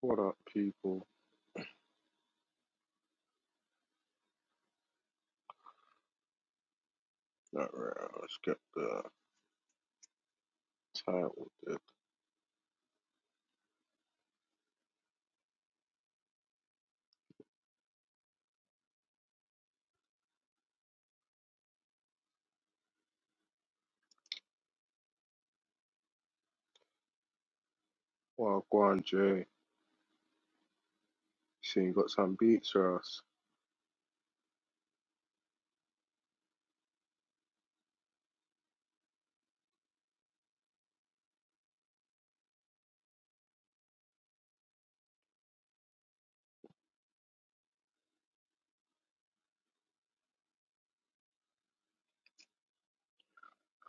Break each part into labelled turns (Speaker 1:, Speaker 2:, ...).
Speaker 1: What up, people? Alright, let's get the title. Dude. Well, Guan Jay, see you got some beats for us.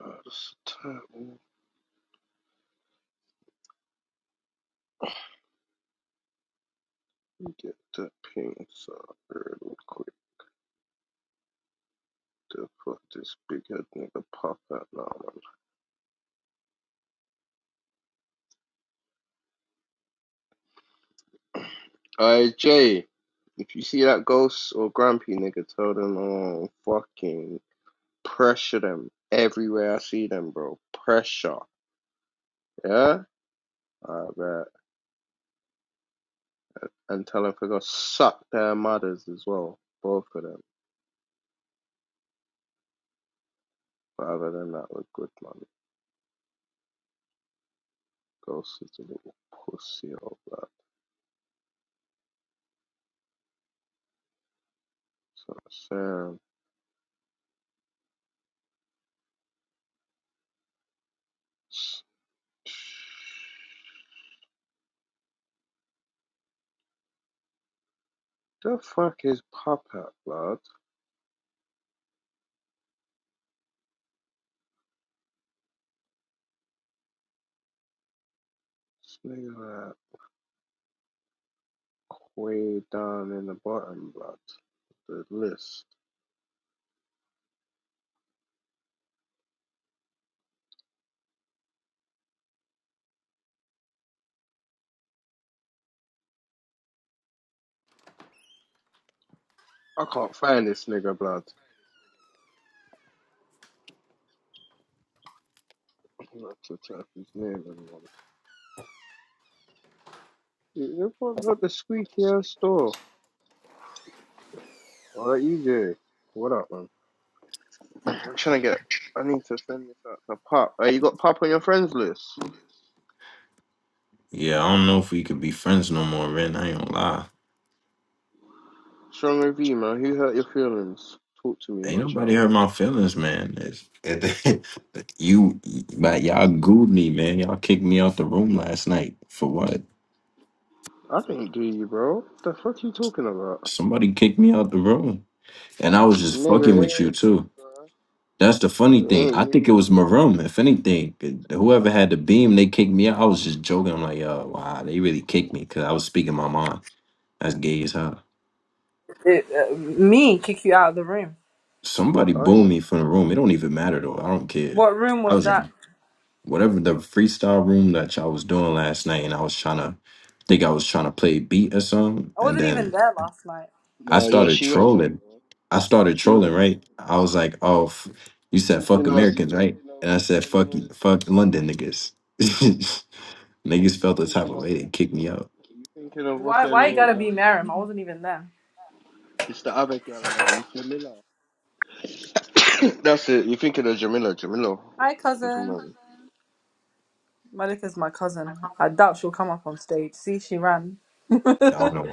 Speaker 1: Uh, just the title. Let me Get the pings up real quick to put this big head nigga pop out now, man. Aye, Jay, if you see that ghost or grumpy nigga, tell them oh, fucking pressure them everywhere I see them, bro. Pressure, yeah. Alright, bet, and tell them to go suck their mothers as well, both of them. Father, they that, not a good one. Ghost is a little pussy, oh blood. So Sam, the fuck is pop up, blood? This nigga that way down in the bottom, blood. The list. I can't find this nigga, blood. I'm not to type his name anymore. You what got the squeaky ass store? Oh, that EJ. What up, man? I'm trying to get. I need to send this out to Pop. Hey, you got Pop on your friends list?
Speaker 2: Yeah, I don't know if we could be friends no more, man. I ain't gonna lie.
Speaker 1: Strong review, man. Who hurt your feelings? Talk to me,
Speaker 2: Ain't
Speaker 1: my
Speaker 2: nobody
Speaker 1: child.
Speaker 2: hurt my feelings, man. It's, it, you, but y'all gooed me, man. Y'all kicked me out the room last night. For what?
Speaker 1: I didn't do you, bro. The fuck you talking about?
Speaker 2: Somebody kicked me out the room. And I was just fucking
Speaker 1: Nigga, it
Speaker 2: with you,
Speaker 1: ain't me,
Speaker 2: too.
Speaker 1: bro.
Speaker 2: That's the funny
Speaker 1: It
Speaker 2: thing.
Speaker 1: ain't
Speaker 2: I think
Speaker 1: me.
Speaker 2: it was Maroon, if anything. Whoever had the beam, they kicked me out. I was just joking. I'm like, yo, wow, they really kicked me because I was speaking my mind. That's gay as hell.
Speaker 3: It, uh, me kick you out of the room.
Speaker 2: Somebody
Speaker 1: I
Speaker 2: booed
Speaker 1: ain't.
Speaker 2: me from the room. It don't even matter, though. I don't care.
Speaker 3: What room
Speaker 2: I
Speaker 3: was
Speaker 2: was
Speaker 3: that?
Speaker 2: whatever the freestyle room that y'all was doing last night, and I was trying to think I was trying to play beat or something,
Speaker 3: I
Speaker 2: and
Speaker 3: wasn't even
Speaker 2: then
Speaker 3: there last night.
Speaker 2: I
Speaker 1: No, yeah,
Speaker 2: started
Speaker 1: she went there,
Speaker 2: trolling.
Speaker 1: bro.
Speaker 2: I started
Speaker 1: She
Speaker 2: trolling,
Speaker 1: went there.
Speaker 2: right? I was like, "Oh, f- you
Speaker 1: You
Speaker 2: said fuck
Speaker 1: thinking of, you
Speaker 2: Americans, right?"
Speaker 1: thinking of,
Speaker 2: And I
Speaker 1: what's
Speaker 2: said,
Speaker 1: her
Speaker 2: "Fuck, you-
Speaker 1: name?
Speaker 2: fuck London niggas."
Speaker 1: You
Speaker 2: niggas felt the type
Speaker 1: thinking
Speaker 2: of
Speaker 1: of
Speaker 2: way they
Speaker 1: that
Speaker 2: kicked me
Speaker 1: girl.
Speaker 2: out.
Speaker 1: You thinking of, what's
Speaker 3: Why?
Speaker 1: her
Speaker 3: Why you
Speaker 1: name?
Speaker 3: gotta be
Speaker 1: Um,
Speaker 3: Miriam? I wasn't even there.
Speaker 1: it's the other girl, man. Jamila. That's it. You thinking of Jamila. Jamila.
Speaker 3: Hi,
Speaker 1: What's her
Speaker 3: cousin.
Speaker 1: name?
Speaker 3: Malika's my cousin. I doubt she'll come up on stage. See, she ran.
Speaker 2: I don't know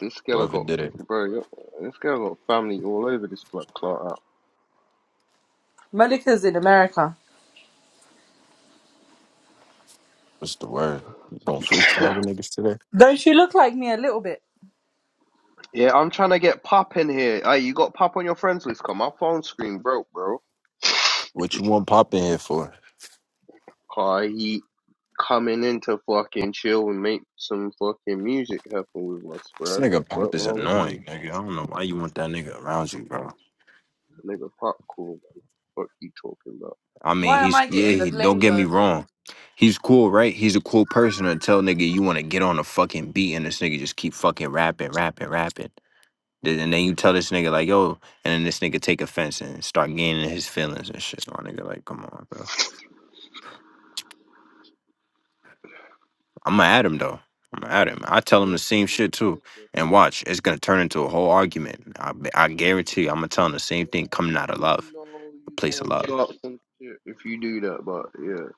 Speaker 1: This girl
Speaker 2: whoever
Speaker 1: got,
Speaker 2: did it.
Speaker 1: bro, yo- this girl got family all over this blood clot.
Speaker 3: Malika's in America.
Speaker 2: What's the word? You gonna
Speaker 1: out.
Speaker 2: freestyle with niggas today?
Speaker 3: Don't she look like me a little bit?
Speaker 1: Yeah, I'm trying to get Pop in here. Hey, you got Pop on your friends list? Come, my phone screen broke, bro.
Speaker 2: What you want Pop in here for?
Speaker 1: Cause he coming in to fucking chill and make some fucking music happen with us,
Speaker 2: This
Speaker 1: bro. The
Speaker 2: nigga Pop
Speaker 1: fuck
Speaker 2: is
Speaker 1: wrong with you,
Speaker 2: annoying, nigga. I don't know why you want that nigga around you, bro.
Speaker 1: nigga? Pop, cool, man. Fuck you talking about?
Speaker 2: I mean,
Speaker 3: Why am
Speaker 2: he's
Speaker 3: I
Speaker 2: yeah.
Speaker 3: getting the
Speaker 2: He, don't
Speaker 3: blame
Speaker 2: get me
Speaker 3: though?
Speaker 2: wrong. He's cool, right? He's a cool person until nigga you want to get on a fucking beat and this nigga just keep fucking rapping, rapping, rapping. Then- And then you tell this nigga like, yo, and then this nigga take offense and start gaining his feelings and shit. So My nigga, like, come on, bro. I'ma at him though. I'ma at him. I
Speaker 1: Hey,
Speaker 2: tell him the
Speaker 1: it's none
Speaker 2: same shit
Speaker 1: thing,
Speaker 2: too.
Speaker 1: bro.
Speaker 2: And watch, it's gonna
Speaker 1: So,
Speaker 2: turn into a whole argument. I, I guarantee you, I'ma tell him the same
Speaker 1: well,
Speaker 2: thing
Speaker 1: at
Speaker 2: coming out
Speaker 1: least
Speaker 2: of
Speaker 1: you
Speaker 2: love,
Speaker 1: know
Speaker 2: a
Speaker 1: you
Speaker 2: place
Speaker 1: gonna
Speaker 2: of love.
Speaker 1: start some shit if you do that. But yeah,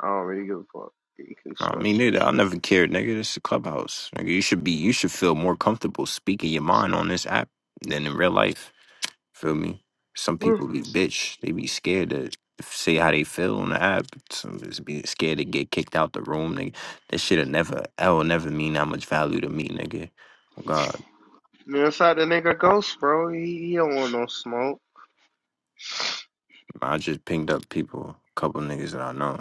Speaker 1: I don't really give a fuck. You can
Speaker 2: Nah,
Speaker 1: start
Speaker 2: me
Speaker 1: some
Speaker 2: neither. I
Speaker 1: shit.
Speaker 2: never cared, nigga. This is a clubhouse, nigga. You should be, you should feel more comfortable speaking your mind on this app than in real life. Feel me? Some people be bitch. They be scared to say how they feel on the app. Some just be scared to get kicked out the room, nigga. This shit'll never, that'll never mean that much value to me, nigga. Oh God,
Speaker 1: Hmm. Yeah, it's like the nigga Ghost, bro. He, he don't want no smoke.
Speaker 2: I just pinged up people, a couple niggas that I know.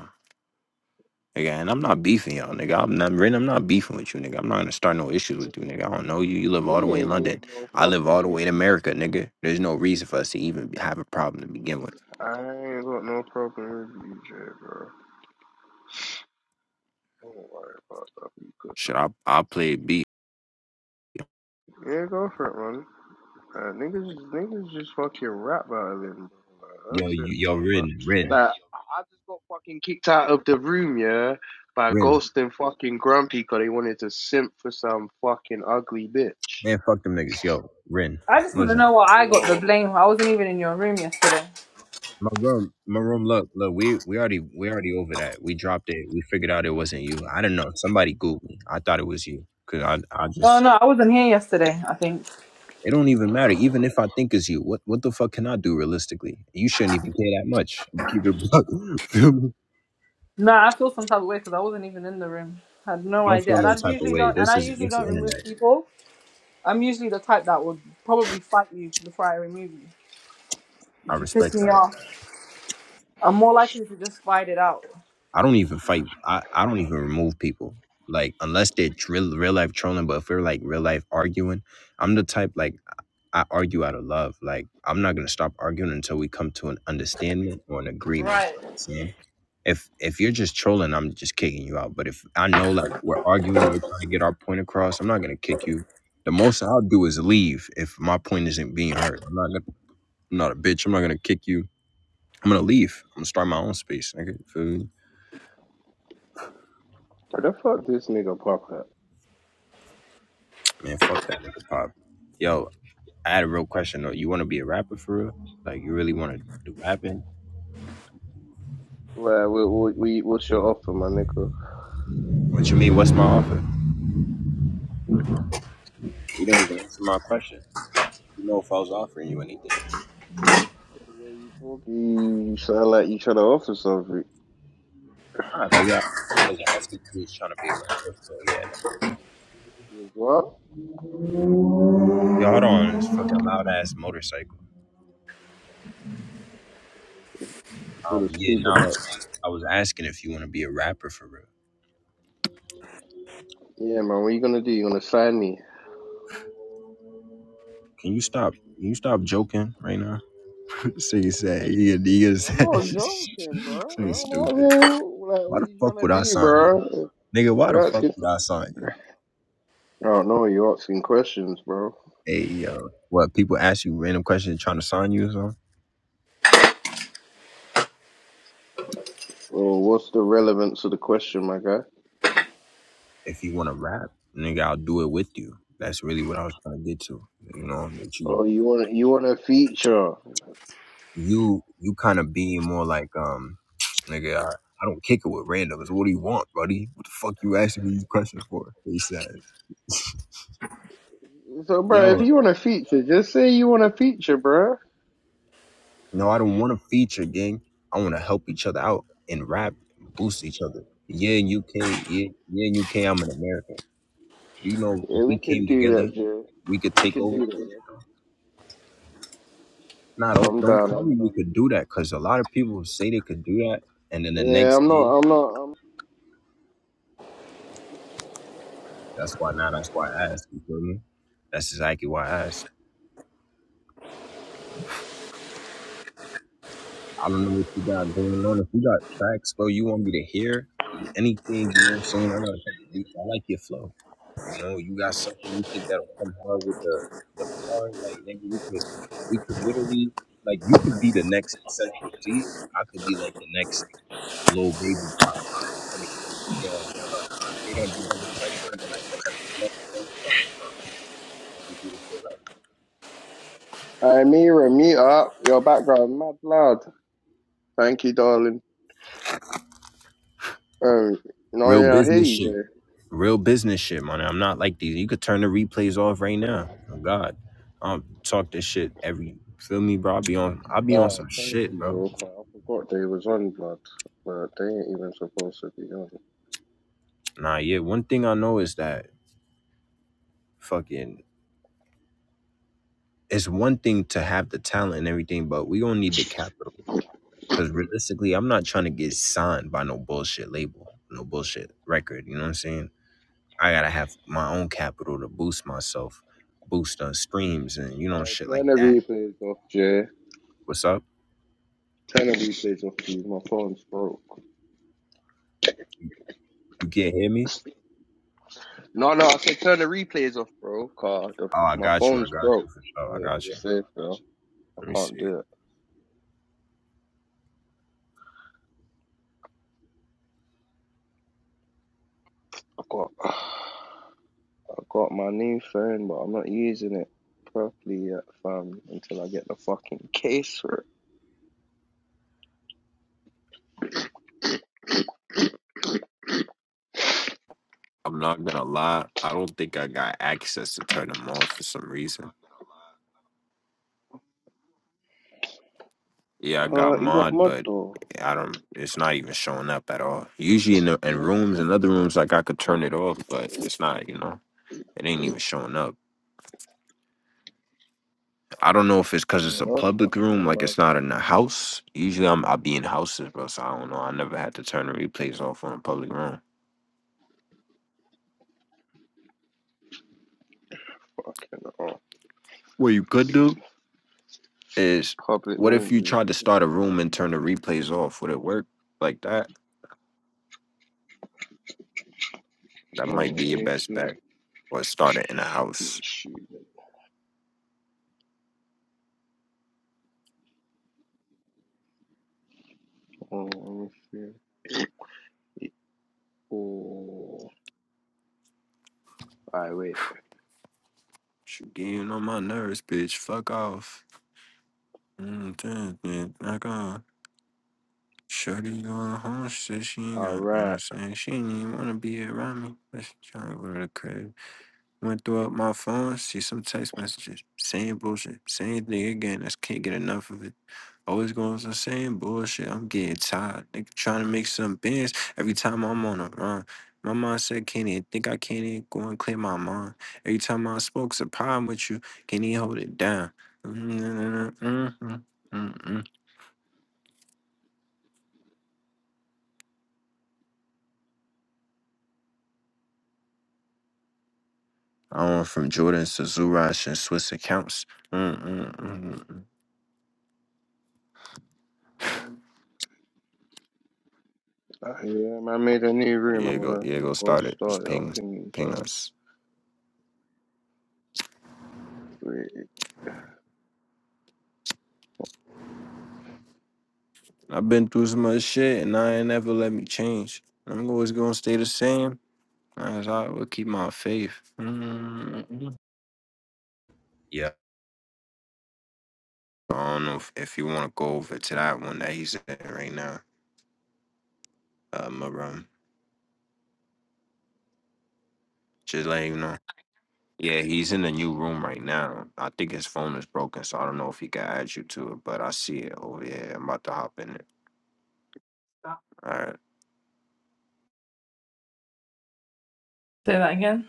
Speaker 2: Nigga, and I'm not beefing y'all, nigga. I'm not, Ren, I'm not beefing with you, nigga. I'm not gonna start no issues with you, nigga. I don't know you. You live
Speaker 1: Me
Speaker 2: all the way in
Speaker 1: ain't got
Speaker 2: London.
Speaker 1: no
Speaker 2: I live all the
Speaker 1: fucking
Speaker 2: way in
Speaker 1: issue.
Speaker 2: America, nigga. There's no reason for us to even be- have a problem to begin with.
Speaker 1: I ain't got no problem with you, Jay, bro. Don't worry about that. You good,
Speaker 2: Shit,
Speaker 1: man.
Speaker 2: I I play beat.
Speaker 1: Yeah, go for it, man. Uh, niggas, niggas just fucking rap battling, bro. Like,
Speaker 2: Yo,
Speaker 1: that's it,
Speaker 2: you, yo,
Speaker 1: bro. Like,
Speaker 2: Ren, Ren,
Speaker 1: like, I just got fucking kicked out of the room, yeah, by
Speaker 2: Ren,
Speaker 1: Ghost and fucking Grumpy because they wanted to simp for some fucking ugly bitch.
Speaker 2: man, fuck them niggas, yo, Ren.
Speaker 3: I just want to
Speaker 2: Listen,
Speaker 3: know what I got the
Speaker 1: Oh.
Speaker 3: blame. for. I wasn't even in your room yesterday.
Speaker 2: my room, my room. Look, look, we we already we already over that. We dropped it. We figured out it wasn't you. I don't know. Somebody googled me. I thought it was you because I I
Speaker 3: Oh
Speaker 2: just
Speaker 3: no, I wasn't here yesterday. I think.
Speaker 2: It don't even matter. Even if I think it's you, what what the fuck can I do realistically? You shouldn't even care that much. I'm gonna keep it a buck. Feel me?
Speaker 3: No, I feel some type of way because I wasn't even in the room. I had no
Speaker 2: Don't
Speaker 3: idea,
Speaker 2: feel
Speaker 3: and
Speaker 2: no
Speaker 3: I
Speaker 2: type of
Speaker 3: usually
Speaker 2: way.
Speaker 3: don't. And
Speaker 2: This
Speaker 3: I
Speaker 2: is
Speaker 3: usually
Speaker 2: it's the
Speaker 3: don't remove
Speaker 2: internet.
Speaker 3: people. I'm usually the type that would probably fight you before I remove you.
Speaker 2: I
Speaker 3: If you piss
Speaker 2: respect
Speaker 3: me
Speaker 2: that.
Speaker 3: off, I'm more likely to just fight it out.
Speaker 2: I don't even fight. I I don't even remove people. Like unless they're tr- real, real life trolling, but if we're like real life arguing, I'm the type like I I argue out of love. Like I'm not gonna stop arguing until we come to an understanding or an agreement.
Speaker 3: Right.
Speaker 2: if if you're just trolling, I'm just kicking you out. But if I know like we're arguing, we're trying to get our point across, I'm not gonna kick you. The most I'll do is leave if my point isn't being heard. I'm not gonna, I'm not a bitch. I'm not gonna kick you. I'm gonna leave. I'm gonna start my own space. Nigga, feel me?
Speaker 1: Where the fuck this nigga pop at?
Speaker 2: Man, fuck that nigga pop. Yo, I had a real question though. You wanna be a rapper for real? Like you really wanna do rapping?
Speaker 1: Well, we, we, we, we'll show off for my nigga.
Speaker 2: What you mean? What's my offer? You didn't even answer my question. You know if I was offering you anything.
Speaker 1: 'Cause the way you talk, you sound like you trying to offer something.
Speaker 2: All right, nigga. I was asking if you was trying to be a rapper, bro. Yeah, no.
Speaker 1: Yes, what?
Speaker 2: Y'all hold on this fucking loud ass motorcycle.
Speaker 1: It's called a
Speaker 2: Um, yeah, no,
Speaker 1: super
Speaker 2: I was
Speaker 1: bike.
Speaker 2: I was asking if you want to be a rapper for real.
Speaker 1: Yeah, man. What you gonna do? You gonna sign me?
Speaker 2: Can you stop? Can you stop joking right now? so you say yeah, nigga
Speaker 1: I'm
Speaker 2: said
Speaker 1: not joking, bro.
Speaker 2: so you
Speaker 1: I'm not
Speaker 2: stupid.
Speaker 1: saying, like,
Speaker 2: Why
Speaker 1: what
Speaker 2: the
Speaker 1: you trying
Speaker 2: fuck
Speaker 1: to
Speaker 2: would I
Speaker 1: do,
Speaker 2: sign you,
Speaker 1: bro?
Speaker 2: nigga? Why the
Speaker 1: You're
Speaker 2: fuck
Speaker 1: asking.
Speaker 2: would I sign you?
Speaker 1: I don't know. You're asking questions, bro.
Speaker 2: Hey yo, what people ask you random questions trying to sign you or something?
Speaker 1: Well, what's the relevance of the question, my guy?
Speaker 2: If you want to rap, nigga, I'll do it with you. That's really what I was trying to get to. You know that you
Speaker 1: Oh, you want you want a feature?
Speaker 2: you you kind of being more like um nigga I, I don't kick it with randoms what do you want buddy what the fuck you asking me these questions for he said
Speaker 1: So, bro, if
Speaker 2: yo
Speaker 1: you want a feature, just say you want a feature, bro.
Speaker 2: no i don't want to feature gang i want to help each other out and rap boost each other yeah in uk yeah, yeah in uk i'm an american you know if
Speaker 1: Yeah,
Speaker 2: we
Speaker 1: we
Speaker 2: came
Speaker 1: could do
Speaker 2: together
Speaker 1: that, Joe.
Speaker 2: we could
Speaker 1: We
Speaker 2: take
Speaker 1: could
Speaker 2: over
Speaker 1: do that, bro.
Speaker 2: nah don't
Speaker 1: I'm
Speaker 2: don't
Speaker 1: down.
Speaker 2: tell
Speaker 1: I'm
Speaker 2: me
Speaker 1: down.
Speaker 2: we could do that because a lot of people say they could do that and then the
Speaker 1: Yeah,
Speaker 2: next
Speaker 1: I'm
Speaker 2: day
Speaker 1: not. I'm not. I'm...
Speaker 2: that's why now that's why i asked you feel me that's exactly why I asked. I don't know what you got going on. If you got tracks, bro, you want me to hear anything, you know what I'm saying? I know it's like- I like your flow. You know, you got something you think that'll come hard with the the bar, like nigga, we could we could literally like you could be the next Central C, I could be like the next little baby pop. I mean, you I'm not saying you're gonna be just like him, but like next up, you do this shit right.
Speaker 1: Hey, Mira, mute up. Your background mad loud. Thank you, darling. Um, no,
Speaker 2: Real
Speaker 1: yeah, I uh, hear
Speaker 2: business
Speaker 1: you,
Speaker 2: shit.
Speaker 1: Jay.
Speaker 2: Real business shit, man. I'm not like these. You could turn the replays off right now. Oh God, I don't talk this shit every. Feel me, bro? i be on. i be on
Speaker 1: Oh,
Speaker 2: some
Speaker 1: thank
Speaker 2: shit,
Speaker 1: you, bro.
Speaker 2: bro.
Speaker 1: I forgot they was on blood, but they ain't even supposed to be on.
Speaker 2: Nah, yeah. One thing I know is that fucking. It's one thing to have the talent and everything, but we gonna need the capital. Cause realistically, I'm not trying to get signed by no bullshit label, no bullshit record. You know what I'm saying? I gotta have my own capital to boost myself, boost on streams and you know
Speaker 1: Hey,
Speaker 2: shit
Speaker 1: turn
Speaker 2: like
Speaker 1: the
Speaker 2: that.
Speaker 1: replays off, Jay.
Speaker 2: What's up?
Speaker 1: Turn the replays off, please. My phone's broke.
Speaker 2: You can't hear me?
Speaker 1: No, no, I said turn the replays off, bro. Car, the,
Speaker 2: Oh, I
Speaker 1: my
Speaker 2: got you. I
Speaker 1: phone's
Speaker 2: got you
Speaker 1: broke.
Speaker 2: for sure. I
Speaker 1: Yeah,
Speaker 2: got you.
Speaker 1: safe, bro. I
Speaker 2: Let me
Speaker 1: can't
Speaker 2: see.
Speaker 1: do it. I can't. I got my new phone, but I'm not using it properly yet, fam, until I get the fucking case for
Speaker 2: I'm not gonna lie. I don't think I got access to turn them off for some reason. Yeah, I
Speaker 1: it.
Speaker 2: got
Speaker 1: Uh, you got
Speaker 2: mod,
Speaker 1: mud
Speaker 2: but
Speaker 1: though.
Speaker 2: I don't. It's not even showing up at all. Usually in the in
Speaker 1: Yeah,
Speaker 2: rooms and other rooms, like I could turn it off, but it's not. You know, it ain't even showing up. I don't know if it's because it's a
Speaker 1: that's
Speaker 2: public room,
Speaker 1: fucking
Speaker 2: like
Speaker 1: mad.
Speaker 2: it's not in a house. Usually I'm I be in houses, bro. So I don't know. I never had to turn the replays off on a public room.
Speaker 1: Fucking oh.
Speaker 2: Well, you could do is
Speaker 1: Public
Speaker 2: what if you
Speaker 1: Rangers.
Speaker 2: tried to start a room and turn the replays off? Would it work like that? That
Speaker 1: Oh,
Speaker 2: might be
Speaker 1: let
Speaker 2: your
Speaker 1: me
Speaker 2: best
Speaker 1: see.
Speaker 2: bet. Or start it in a
Speaker 1: Let me
Speaker 2: house.
Speaker 1: see. Oh, let me see. Oh, alright, wait.
Speaker 2: You getting on my nerves, bitch. Fuck off. Mm, damn, man, Fuck off. Shorty going home. She said she ain't got
Speaker 1: Alright.
Speaker 2: understand. She ain't even wanna be around me. But she trying to go to the crib. Went through up my phone, see some text messages. Same bullshit. Same thing again. I just can't get enough of it. Always going to the same bullshit. I'm getting tired. Nigga trying to make some bands every time I'm on a run. My mindset can't even think I can't even go and clear my mind. Every time I spoke, it's a problem with you. Can't even hold it down. Mm-mm-mm-mm-mm-mm. I went from Jordans to Zurash and Swiss accounts. Mm-mm-mm-mm.
Speaker 1: Yeah, man, I made a new room.
Speaker 2: Yeah,
Speaker 1: I'm
Speaker 2: go,
Speaker 1: gonna
Speaker 2: yeah, go
Speaker 1: go
Speaker 2: start it.
Speaker 1: start
Speaker 2: Just
Speaker 1: it up
Speaker 2: ping,
Speaker 1: in these
Speaker 2: ping
Speaker 1: up.
Speaker 2: us.
Speaker 1: Wait.
Speaker 2: I've been through so much shit and I ain't never let me change. I'm always gonna stay the same. As I would keep my faith. mm Yeah. I don't know if, if you want to go over to that one that he's in right now, uh, my room. Just let you know. Yeah, he's in a new room right now. I think his phone is broken, so I don't know if he can add you to it, but I see it over here. I'm about to hop in it. All right.
Speaker 3: Say that again.